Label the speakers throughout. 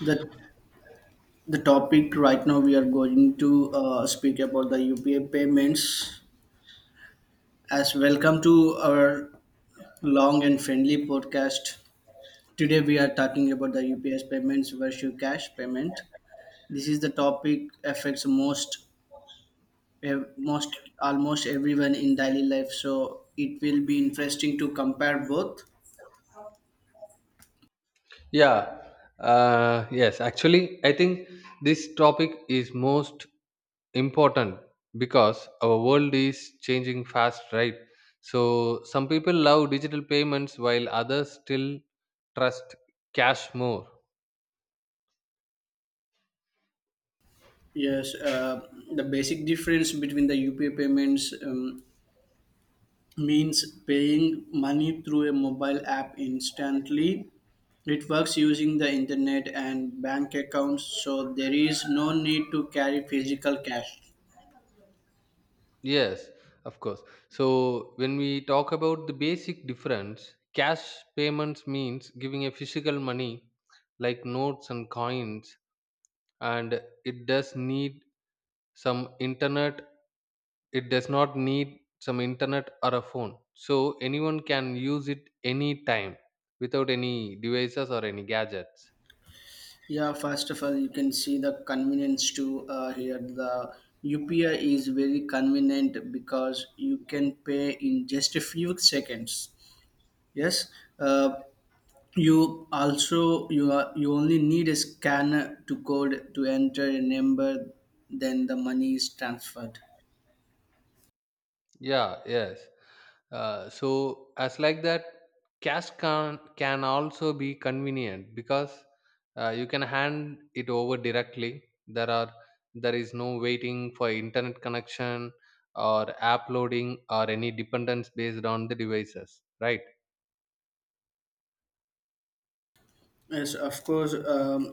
Speaker 1: the the topic right now we are going to speak about the UPA payments. As welcome to our long and friendly podcast. Today we are talking about the UPS payments versus cash payment. This is the topic affects most most almost everyone in daily life. So it will be interesting to compare both.
Speaker 2: Yeah, yes, Actually, I think this topic is most important because our world is changing fast, right? So, some people love digital payments while others still trust cash more.
Speaker 1: Yes, the basic difference between the UPA payments means paying money through a mobile app instantly. It works using the internet and bank accounts, so there is no need to carry physical cash.
Speaker 2: Yes, of course. So, when we talk about the basic difference, cash payments means giving a physical money like notes and coins, and it does need some internet it does not need some internet or a phone, so anyone can use it anytime without any devices or any gadgets.
Speaker 1: Yeah, first of all, you can see the convenience too, here. The UPI is very convenient because you can pay in just a few seconds. Yes, uh, you also you only need a scanner to code to enter a number, then the money is transferred.
Speaker 2: Yeah, yes, so as like that, cash can also be convenient because you can hand it over directly. there are there is no waiting for internet connection or app loading or any dependence based on the devices, right?
Speaker 1: Yes, of course,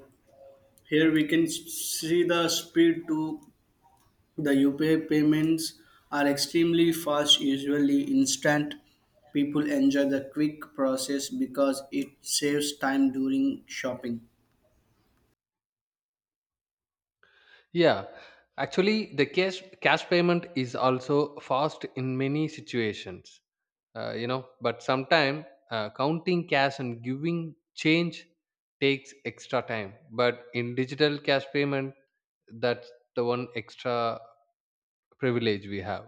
Speaker 1: here we can see the speed to the UPI payments are extremely fast, usually instant. People enjoy the quick process because it saves time during shopping.
Speaker 2: Yeah, actually, the cash payment is also fast in many situations. You know, but sometimes counting cash and giving change takes extra time. But in digital cash payment, that's the one extra privilege we have.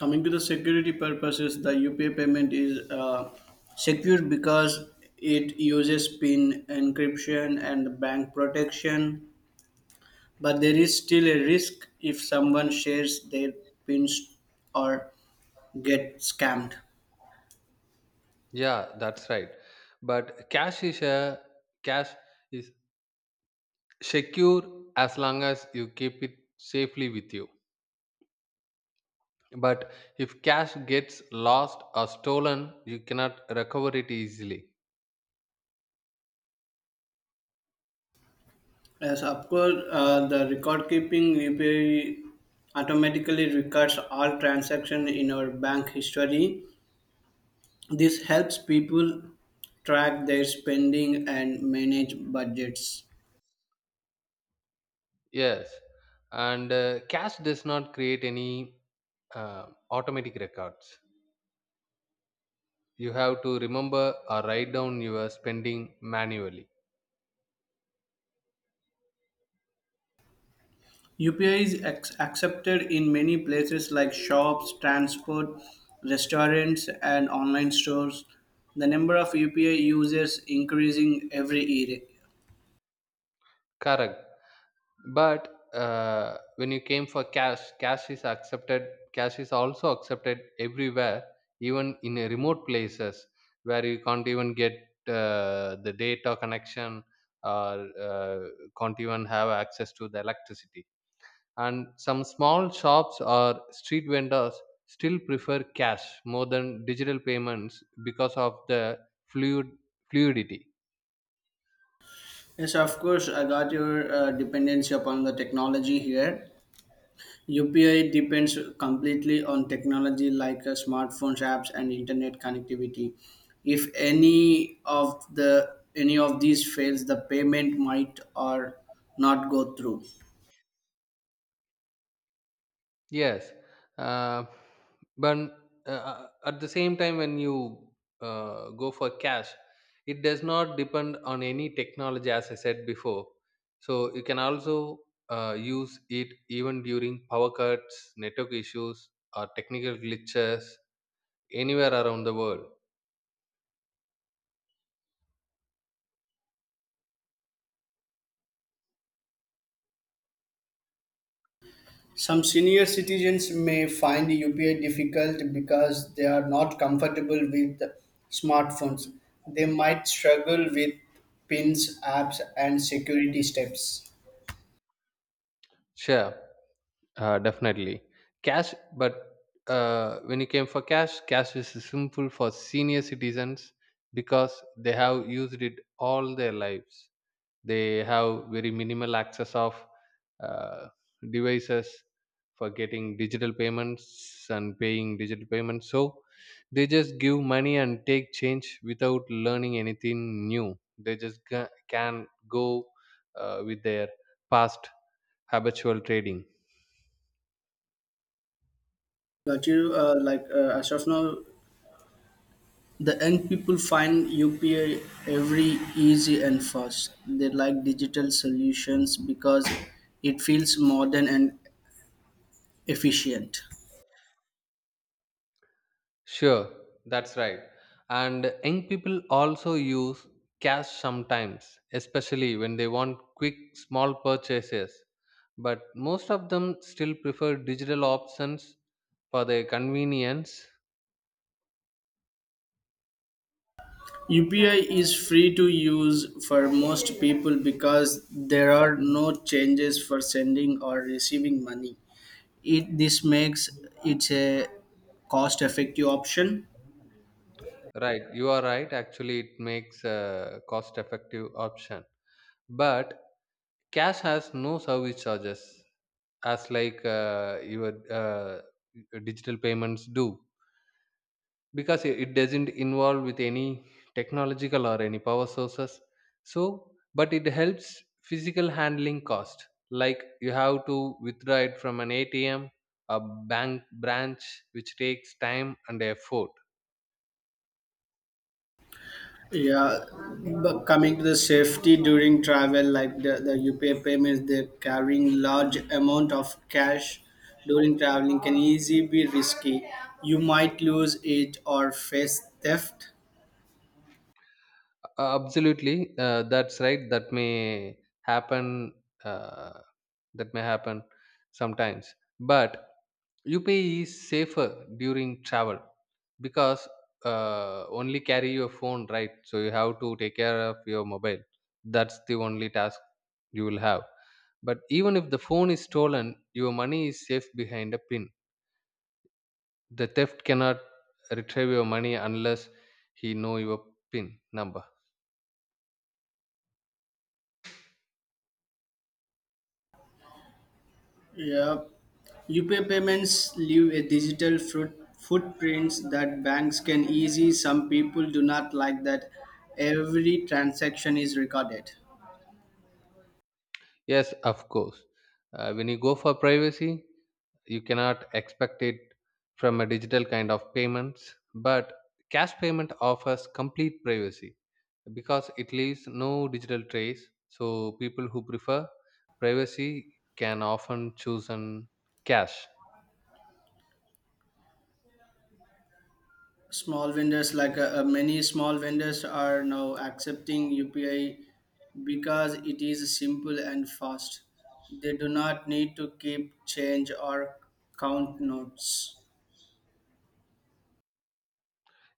Speaker 1: Coming to the security purposes, the UPI payment is secure because it uses PIN encryption and bank protection, but there is still a risk if someone shares their PINs or get scammed.
Speaker 2: Yeah, that's right. But cash is secure as long as you keep it safely with you. But if cash gets lost or stolen, you cannot recover it easily.
Speaker 1: As of course, the record keeping, UPI automatically records all transactions in our bank history. This helps people track their spending and manage budgets.
Speaker 2: Yes, and cash does not create any automatic records. You have to remember or write down your spending manually.
Speaker 1: UPI is accepted in many places like shops, transport, restaurants, and online stores. The number of UPI users increasing every year.
Speaker 2: Correct. But when you came for cash, cash is accepted. cash is also accepted everywhere, even in a remote places where you can't even get the data connection, or can't even have access to the electricity. And some small shops or street vendors still prefer cash more than digital payments because of the fluid fluidity.
Speaker 1: Yes, of course, I got your dependency upon the technology here. UPI depends completely on technology like smartphones, apps, and internet connectivity. If any of these fails, the payment might or not go through.
Speaker 2: Yes, uh, but at the same time, when you go for cash, it does not depend on any technology, as I said before. So you can also use it even during power cuts, network issues, or technical glitches anywhere around the world.
Speaker 1: Some senior citizens may find UPI difficult because they are not comfortable with smartphones. They might struggle with pins, apps, and security steps.
Speaker 2: Sure. Definitely cash, but when it came for cash is simple for senior citizens because they have used it all their lives. They have very minimal access of uh, devices for getting digital payments and paying digital payments, so they just give money and take change without learning anything new. They just can go with their past habitual trading.
Speaker 1: Got you. As of now, the young people find UPI every easy and fast. They like digital solutions because it feels modern and efficient.
Speaker 2: Sure, that's right. And young people also use cash sometimes, especially when they want quick, small purchases. But most of them still prefer digital options for their convenience.
Speaker 1: UPI is free to use for most people because there are no changes for sending or receiving money. It this makes it a cost effective option.
Speaker 2: Right, you are right. Actually, it makes a cost effective option. But cash has no service charges, as like your digital payments do, because it doesn't involve with any technological or any power sources. So but it helps physical handling cost, like you have to withdraw it from an atm, a bank branch, which takes time and effort.
Speaker 1: Yeah, but coming to the safety during travel, like the UPI payments, they're carrying large amount of cash during traveling can easily be risky. You might lose it or face theft.
Speaker 2: Absolutely, that's right. That may happen. Uh, that may happen sometimes, but UPI is safer during travel because only carry your phone, right? So you have to take care of your mobile. That's the only task you will have. But even if the phone is stolen, your money is safe behind a pin. The theft cannot retrieve your money unless he know your pin number.
Speaker 1: Yeah. UPI payments leave a digital fruit, footprints that banks can easy. Some people do not like that every transaction is recorded.
Speaker 2: Yes, of course. When you go for privacy, you cannot expect it from a digital kind of payments, but cash payment offers complete privacy because it leaves no digital trace. So people who prefer privacy can often choose an cash.
Speaker 1: Small vendors like many small vendors are now accepting UPI because it is simple and fast. They do not need to keep change or count notes.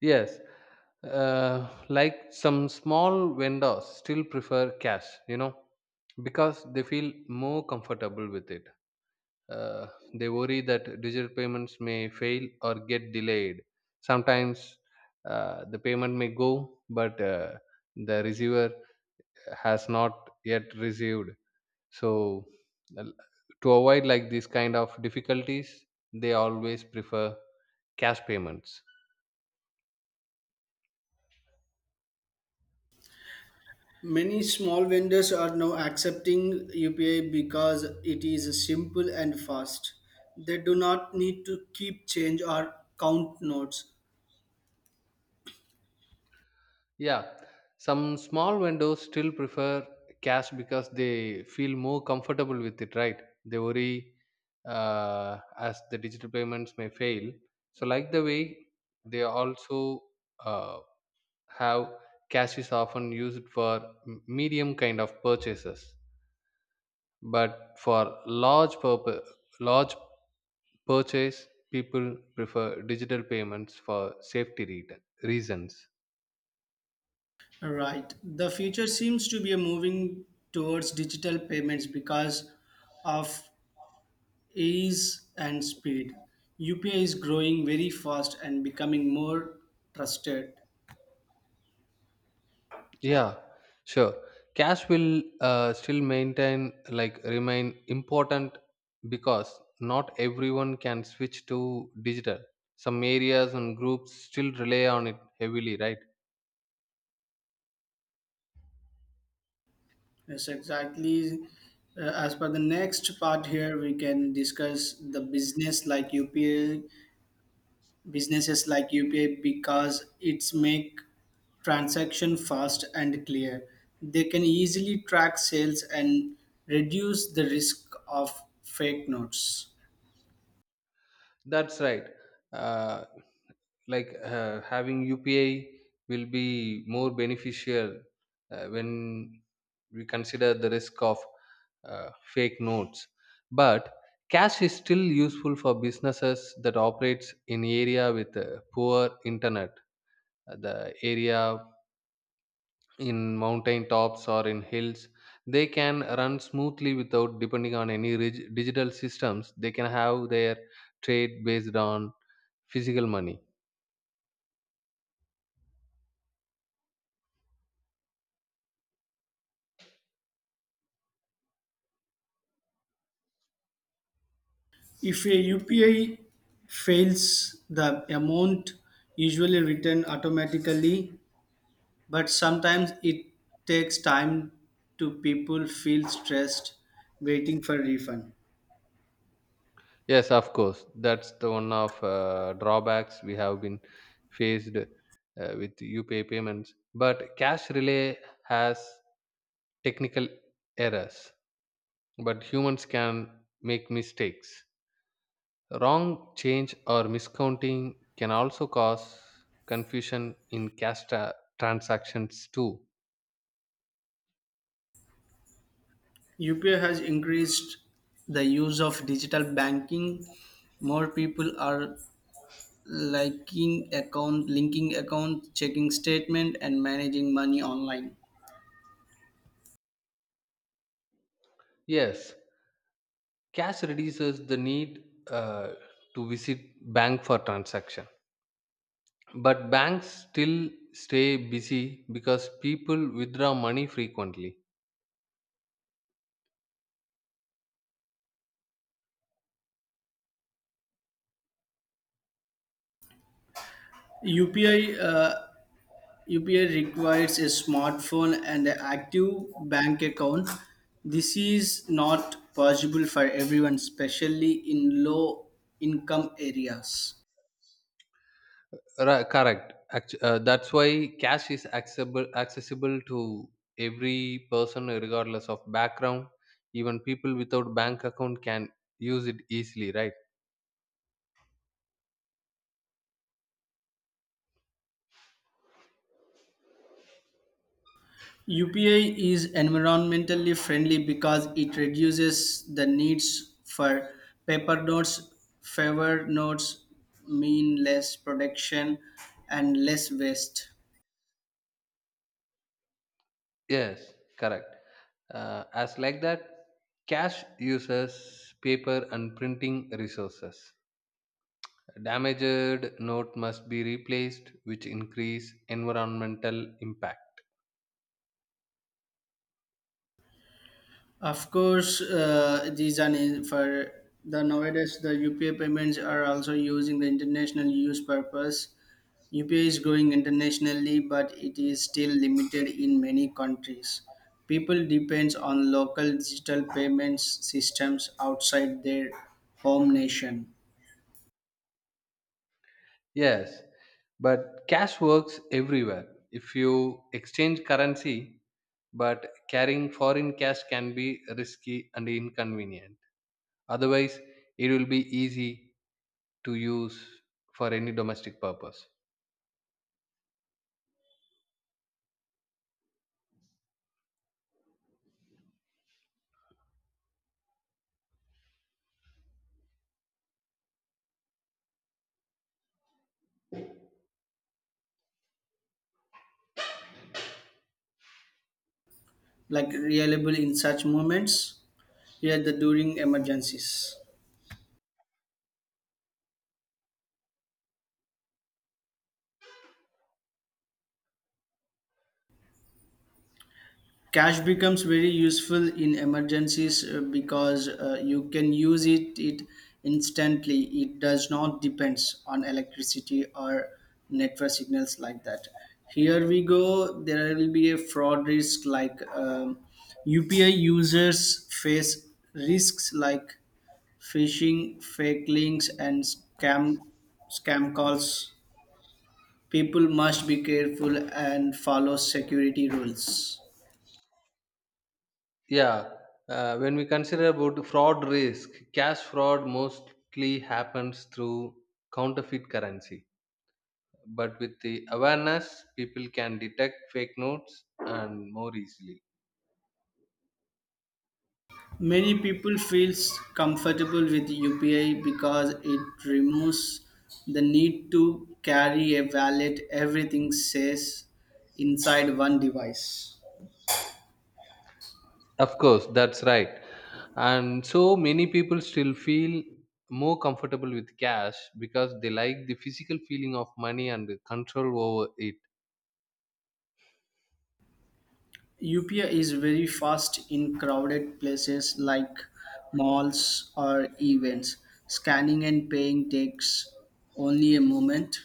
Speaker 2: Yes, like some small vendors still prefer cash, you know, because they feel more comfortable with it. uh, they worry that digital payments may fail or get delayed. Sometimes the payment may go, but the receiver has not yet received. So, l- to avoid like these kind of difficulties, they always prefer cash payments.
Speaker 1: Many small vendors are now accepting UPI because it is simple and fast. They do not need to keep change or count notes.
Speaker 2: Yeah, some small vendors still prefer cash because they feel more comfortable with it, right? They worry as the digital payments may fail. So, like the way they also uh, have cash is often used for medium kind of purchases, but for large purpose, large purchase, people prefer digital payments for safety reasons.
Speaker 1: Right. The future seems to be moving towards digital payments because of ease and speed. UPI is growing very fast and becoming more trusted.
Speaker 2: Yeah, sure. Cash will still remain important because not everyone can switch to digital. Some areas and groups still rely on it heavily, right?
Speaker 1: Yes, exactly. As per the next part here, we can discuss the businesses like UPI because it's make transaction fast and clear. They can easily track sales and reduce the risk of fake notes.
Speaker 2: That's right. Uh, like having UPI will be more beneficial when we consider the risk of fake notes. But cash is still useful for businesses that operates in area with poor internet. The area in mountain tops or in hills, they can run smoothly without depending on any digital systems. They can have their trade based on physical money.
Speaker 1: If a UPI fails, the amount usually returned automatically, but sometimes it takes time to people feel stressed waiting for refund.
Speaker 2: Yes, of course. That's the one of drawbacks we have been faced with UPI payments. But cash relay has technical errors, but humans can make mistakes. Wrong change or miscounting can also cause confusion in cash transactions too.
Speaker 1: UPI has increased the use of digital banking. More people are linking account, checking statement, and managing money online.
Speaker 2: Yes, cash reduces the need uh, to visit bank for transaction. But banks still stay busy because people withdraw money frequently.
Speaker 1: UPI uh, UPI requires a smartphone and an active bank account. This is not possible for everyone, especially in low income areas.
Speaker 2: Correct. That's why cash is accessible to every person regardless of background. Even people without bank account can use it easily, right?
Speaker 1: UPI is environmentally friendly because it reduces the needs for paper notes, favor notes, mean less production and less waste.
Speaker 2: Yes, correct. As like that, cash uses paper and printing resources. Damaged note must be replaced, which increase environmental impact.
Speaker 1: Of course, for the nowadays the UPI payments are also using the international use purpose. UPI is growing internationally, but it is still limited in many countries. People depends on local digital payments systems outside their home nation,
Speaker 2: Yes, but cash works everywhere. If you exchange currency, but carrying foreign cash can be risky and inconvenient. Otherwise, it will be easy to use for any domestic purpose.
Speaker 1: like reliable in such moments. Here, the during emergencies. Cash becomes very useful in emergencies because you can use it instantly. It does not depends on electricity or network signals like that. Here we go. There will be a fraud risk like UPI users face risks like phishing, fake links, and scam calls. People must be careful and follow security rules.
Speaker 2: Yeah, when we consider about fraud risk, cash fraud mostly happens through counterfeit currency. But with the awareness, people can detect fake notes and more easily.
Speaker 1: Many people feels comfortable with UPI because it removes the need to carry a wallet. Everything says inside one device.
Speaker 2: Of course, that's right. And so many people still feel more comfortable with cash because they like the physical feeling of money and the control over it.
Speaker 1: UPI is very fast in crowded places like malls or events. Scanning and paying takes only a moment.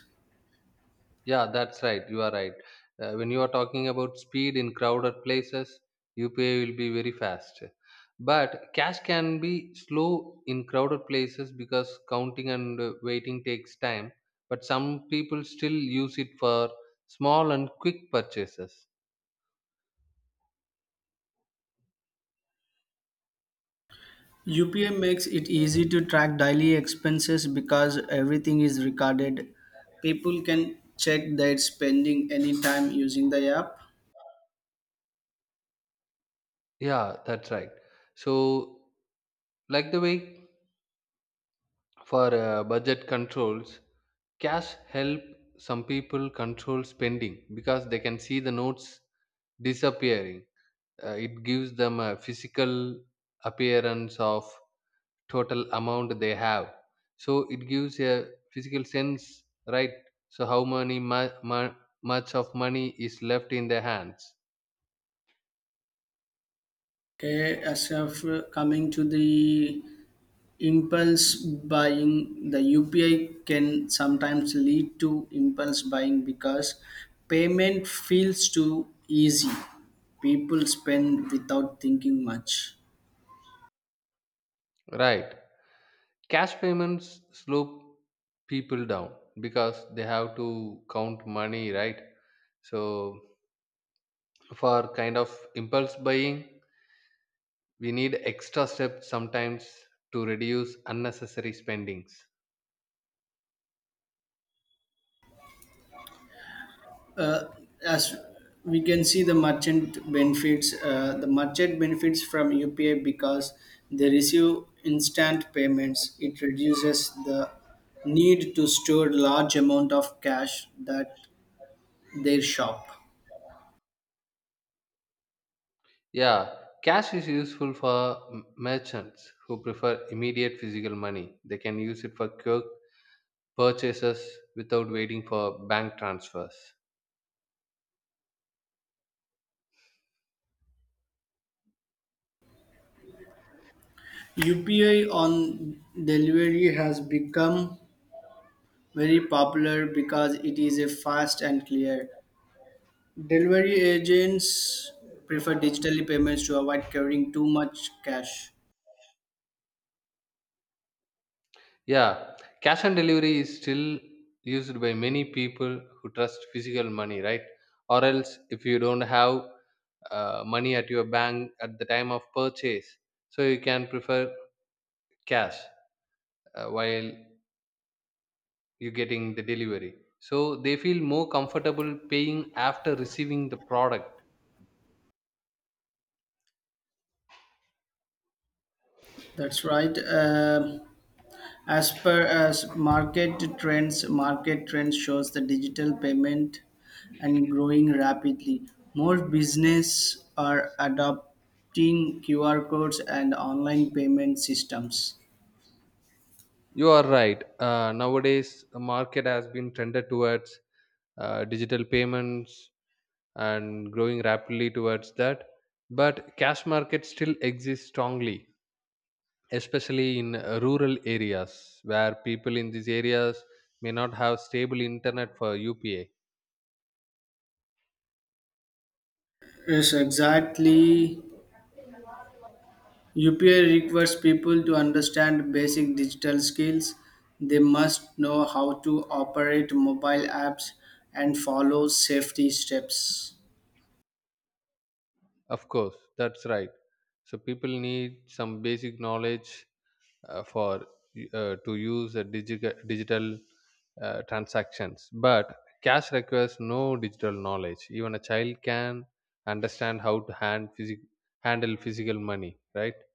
Speaker 2: Yeah, that's right. You are right. When you are talking about speed in crowded places, UPI will be very fast. But cash can be slow in crowded places because counting and waiting takes time. But some people still use it for small and quick purchases.
Speaker 1: UPI makes it easy to track daily expenses because everything is recorded. People can check their spending anytime using the app.
Speaker 2: Yeah, that's right. So, like the way, for budget controls, cash help some people control spending because they can see the notes disappearing. It gives them a physical appearance of total amount they have. So it gives a physical sense, right? So how many much of money is left in their hands,
Speaker 1: Okay, as of coming to the impulse buying, the UPI can sometimes lead to impulse buying because payment feels too easy. People spend without thinking much.
Speaker 2: right? Cash payments slow people down because they have to count money, right? So for kind of impulse buying, we need extra steps sometimes to reduce unnecessary spendings.
Speaker 1: uh, as we can see the merchant benefits, from UPI because they receive instant payments. It reduces the need to store large amount of cash that they shop.
Speaker 2: Yeah, cash is useful for merchants who prefer immediate physical money. They can use it for quick purchases without waiting for bank transfers.
Speaker 1: UPI on delivery has become very popular because it is a fast and clear. Delivery agents prefer digitally payments to avoid carrying too much cash.
Speaker 2: Yeah, cash on delivery is still used by many people who trust physical money, right? Or else, if you don't have money at your bank at the time of purchase, so you can prefer cash while you getting the delivery. So they feel more comfortable paying after receiving the product.
Speaker 1: That's right. As per as market trends shows the digital payment and growing rapidly. More business are adopting QR codes and online payment systems.
Speaker 2: You are right. Nowadays, the market has been trended towards digital payments and growing rapidly towards that, but cash markets still exist strongly, especially in rural areas, where people in these areas may not have stable internet for upa.
Speaker 1: Yes, exactly. UPI requires people to understand basic digital skills. They must know how to operate mobile apps and follow safety steps.
Speaker 2: Of course, that's right. So people need some basic knowledge for to use a digital transactions, but cash requires no digital knowledge. Even a child can understand how to handle physical money, right?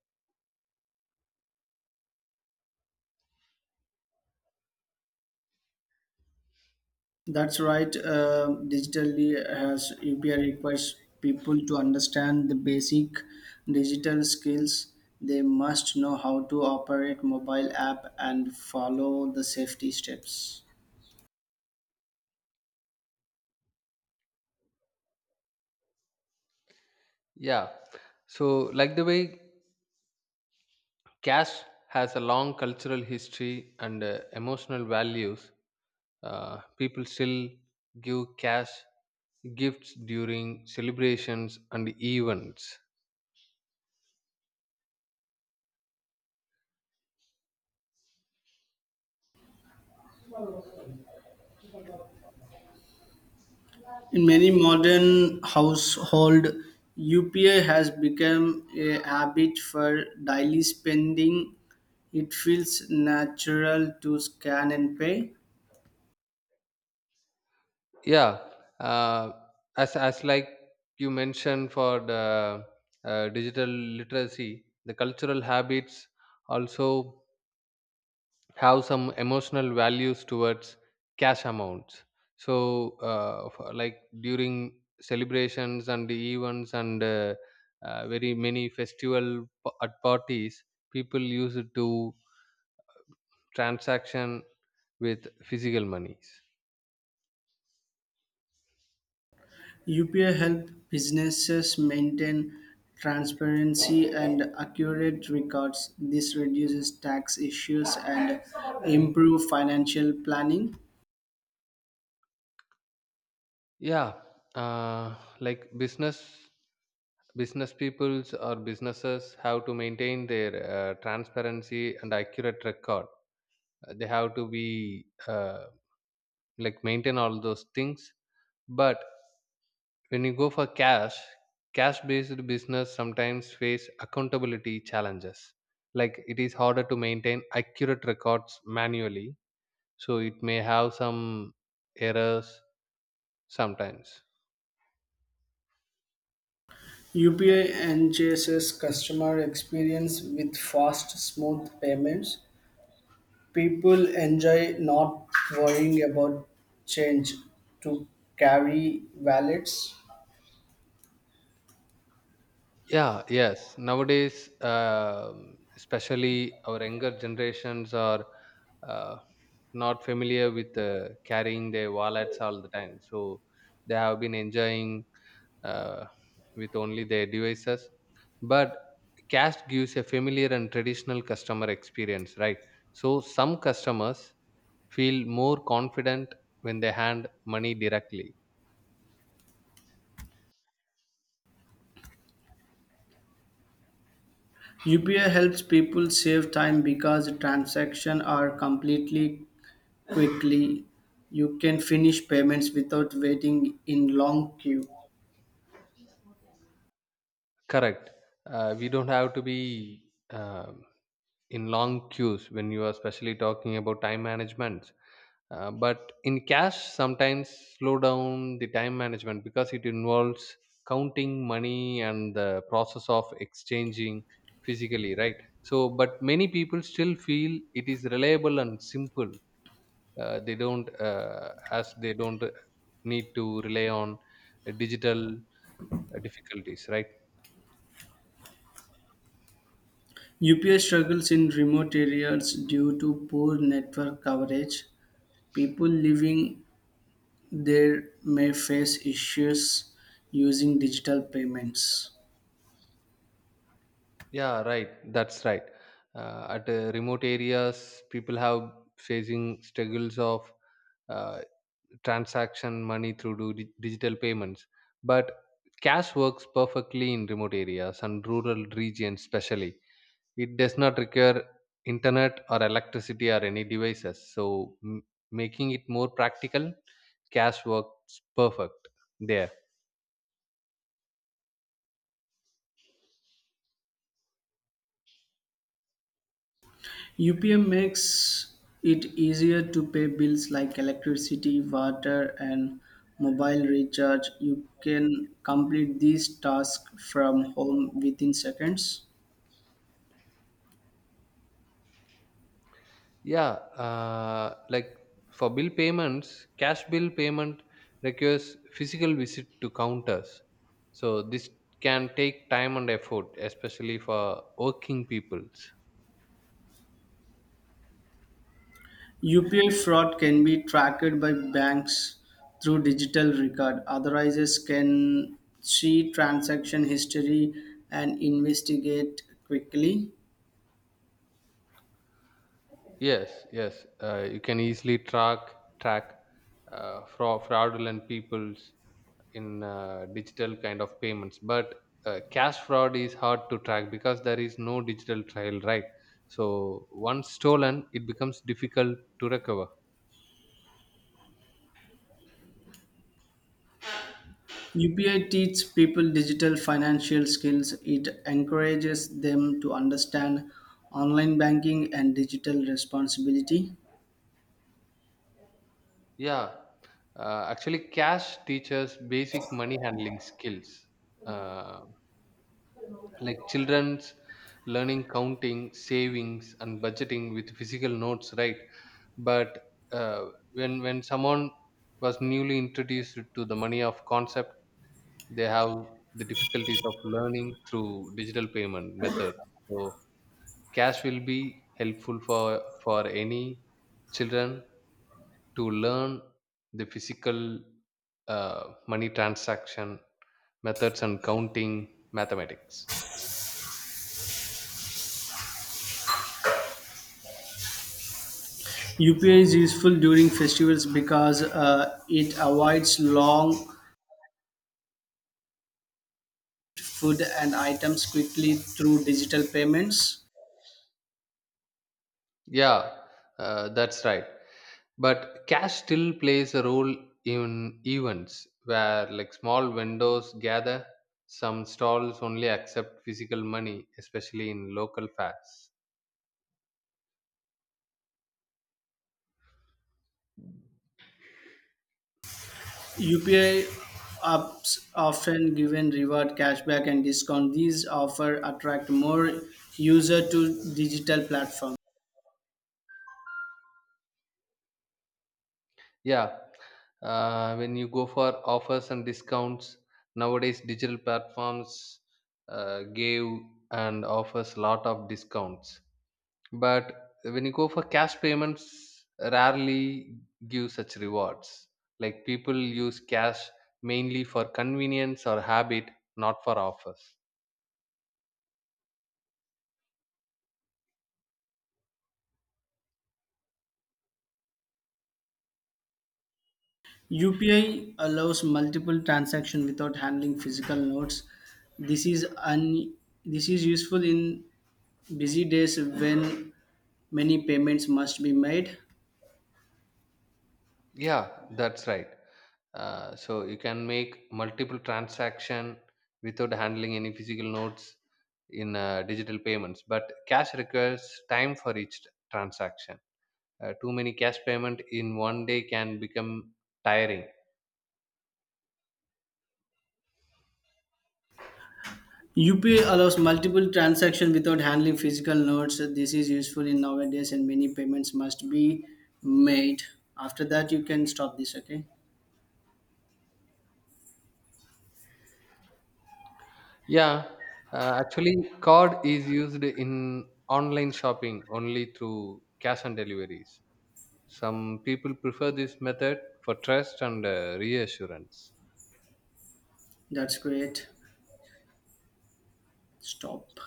Speaker 1: That's right. Digitally, as UPI requires people to understand the basic digital skills, they must know how to operate mobile app and follow the safety steps.
Speaker 2: Yeah. So, like the way, cash has a long cultural history and emotional values, people still give cash gifts during celebrations and events.
Speaker 1: In many modern household, UPI has become a habit for daily spending. It feels natural to scan and pay.
Speaker 2: Yeah. Uh, as like you mentioned for the digital literacy, the cultural habits also have some emotional values towards cash amounts. So like during celebrations and the events, and very many festival at parties, people use it to transaction with physical monies.
Speaker 1: UPI helps businesses maintain transparency and accurate records. This reduces tax issues and improves financial planning.
Speaker 2: Yeah, uh, like business peoples or businesses have to maintain their transparency and accurate record. They have to be uh, like maintain all those things. But when you go for cash, cash based business sometimes face accountability challenges, like it is harder to maintain accurate records manually, so it may have some errors sometimes.
Speaker 1: UPI enhances customer experience with fast, smooth payments. People enjoy not worrying about change to carry wallets.
Speaker 2: Yeah, yes, nowadays, um, especially our younger generations are uh, not familiar with carrying their wallets all the time. So they have been enjoying uh, with only their devices. But cash gives a familiar and traditional customer experience, right? So some customers feel more confident when they hand money directly.
Speaker 1: UPI helps people save time because transactions are completely quickly. You can finish payments without waiting in long queue.
Speaker 2: Correct. We don't have to be um in long queues when you are especially talking about time management. But in cash sometimes slow down the time management because it involves counting money and the process of exchanging physically, right? So but many people still feel it is reliable and simple. Uh, they don't uh, as they don't need to rely on digital difficulties, right?
Speaker 1: UPS struggles in remote areas due to poor network coverage. People living there may face issues using digital payments.
Speaker 2: Yeah, right. That's right. At remote areas, people have facing struggles of uh, transaction money through digital payments, but cash works perfectly in remote areas and rural regions, especially. It does not require internet or electricity or any devices, so making it more practical. Cash works perfect there.
Speaker 1: UPM makes it easier to pay bills like electricity, water, and mobile recharge. You can complete these tasks from home within seconds.
Speaker 2: Yeah, like for bill payments, cash bill payment requires physical visit to counters. So this can take time and effort, especially for working peoples.
Speaker 1: UPI fraud can be tracked by banks through digital record. Authorizers can see transaction history and investigate quickly.
Speaker 2: Yes, yes, you can easily track fraudulent peoples in digital kind of payments, but cash fraud is hard to track because there is no digital trail, right? So once stolen, it becomes difficult to recover.
Speaker 1: UPI teaches people digital financial skills. It encourages them to understand online banking and digital responsibility.
Speaker 2: Yeah, actually, cash teaches basic money handling skills, uh, like children's learning counting, savings, and budgeting with physical notes, right? But when someone was newly introduced to the money of concept, they have the difficulties of learning through digital payment methods. So cash will be helpful for any children to learn the physical money transaction methods and counting mathematics.
Speaker 1: UPI is useful during festivals because it avoids long food and items quickly through digital payments.
Speaker 2: Yeah, that's right. But cash still plays a role in events where like small vendors gather. Some stalls only accept physical money, especially in local fairs.
Speaker 1: UPI apps often given reward cashback and discount. These offer attract more user to digital platform.
Speaker 2: Yeah, when you go for offers and discounts nowadays, digital platforms give and offers lot of discounts. But when you go for cash payments, rarely give such rewards. Like people use cash mainly for convenience or habit, not for offers.
Speaker 1: UPI allows multiple transaction without handling physical notes. This is un- this is useful in busy days when many payments must be made.
Speaker 2: Yeah, that's right. So you can make multiple transaction without handling any physical notes in digital payments. But cash requires time for each transaction. Too many cash payment in one day can become tiring.
Speaker 1: UPI allows multiple transactions without handling physical notes. This is useful in nowadays, and many payments must be made. After that, you can stop this. Okay,
Speaker 2: Yeah, actually, card is used in online shopping only through cash on deliveries. Some people prefer this method for trust and reassurance.
Speaker 1: that's great. Stop.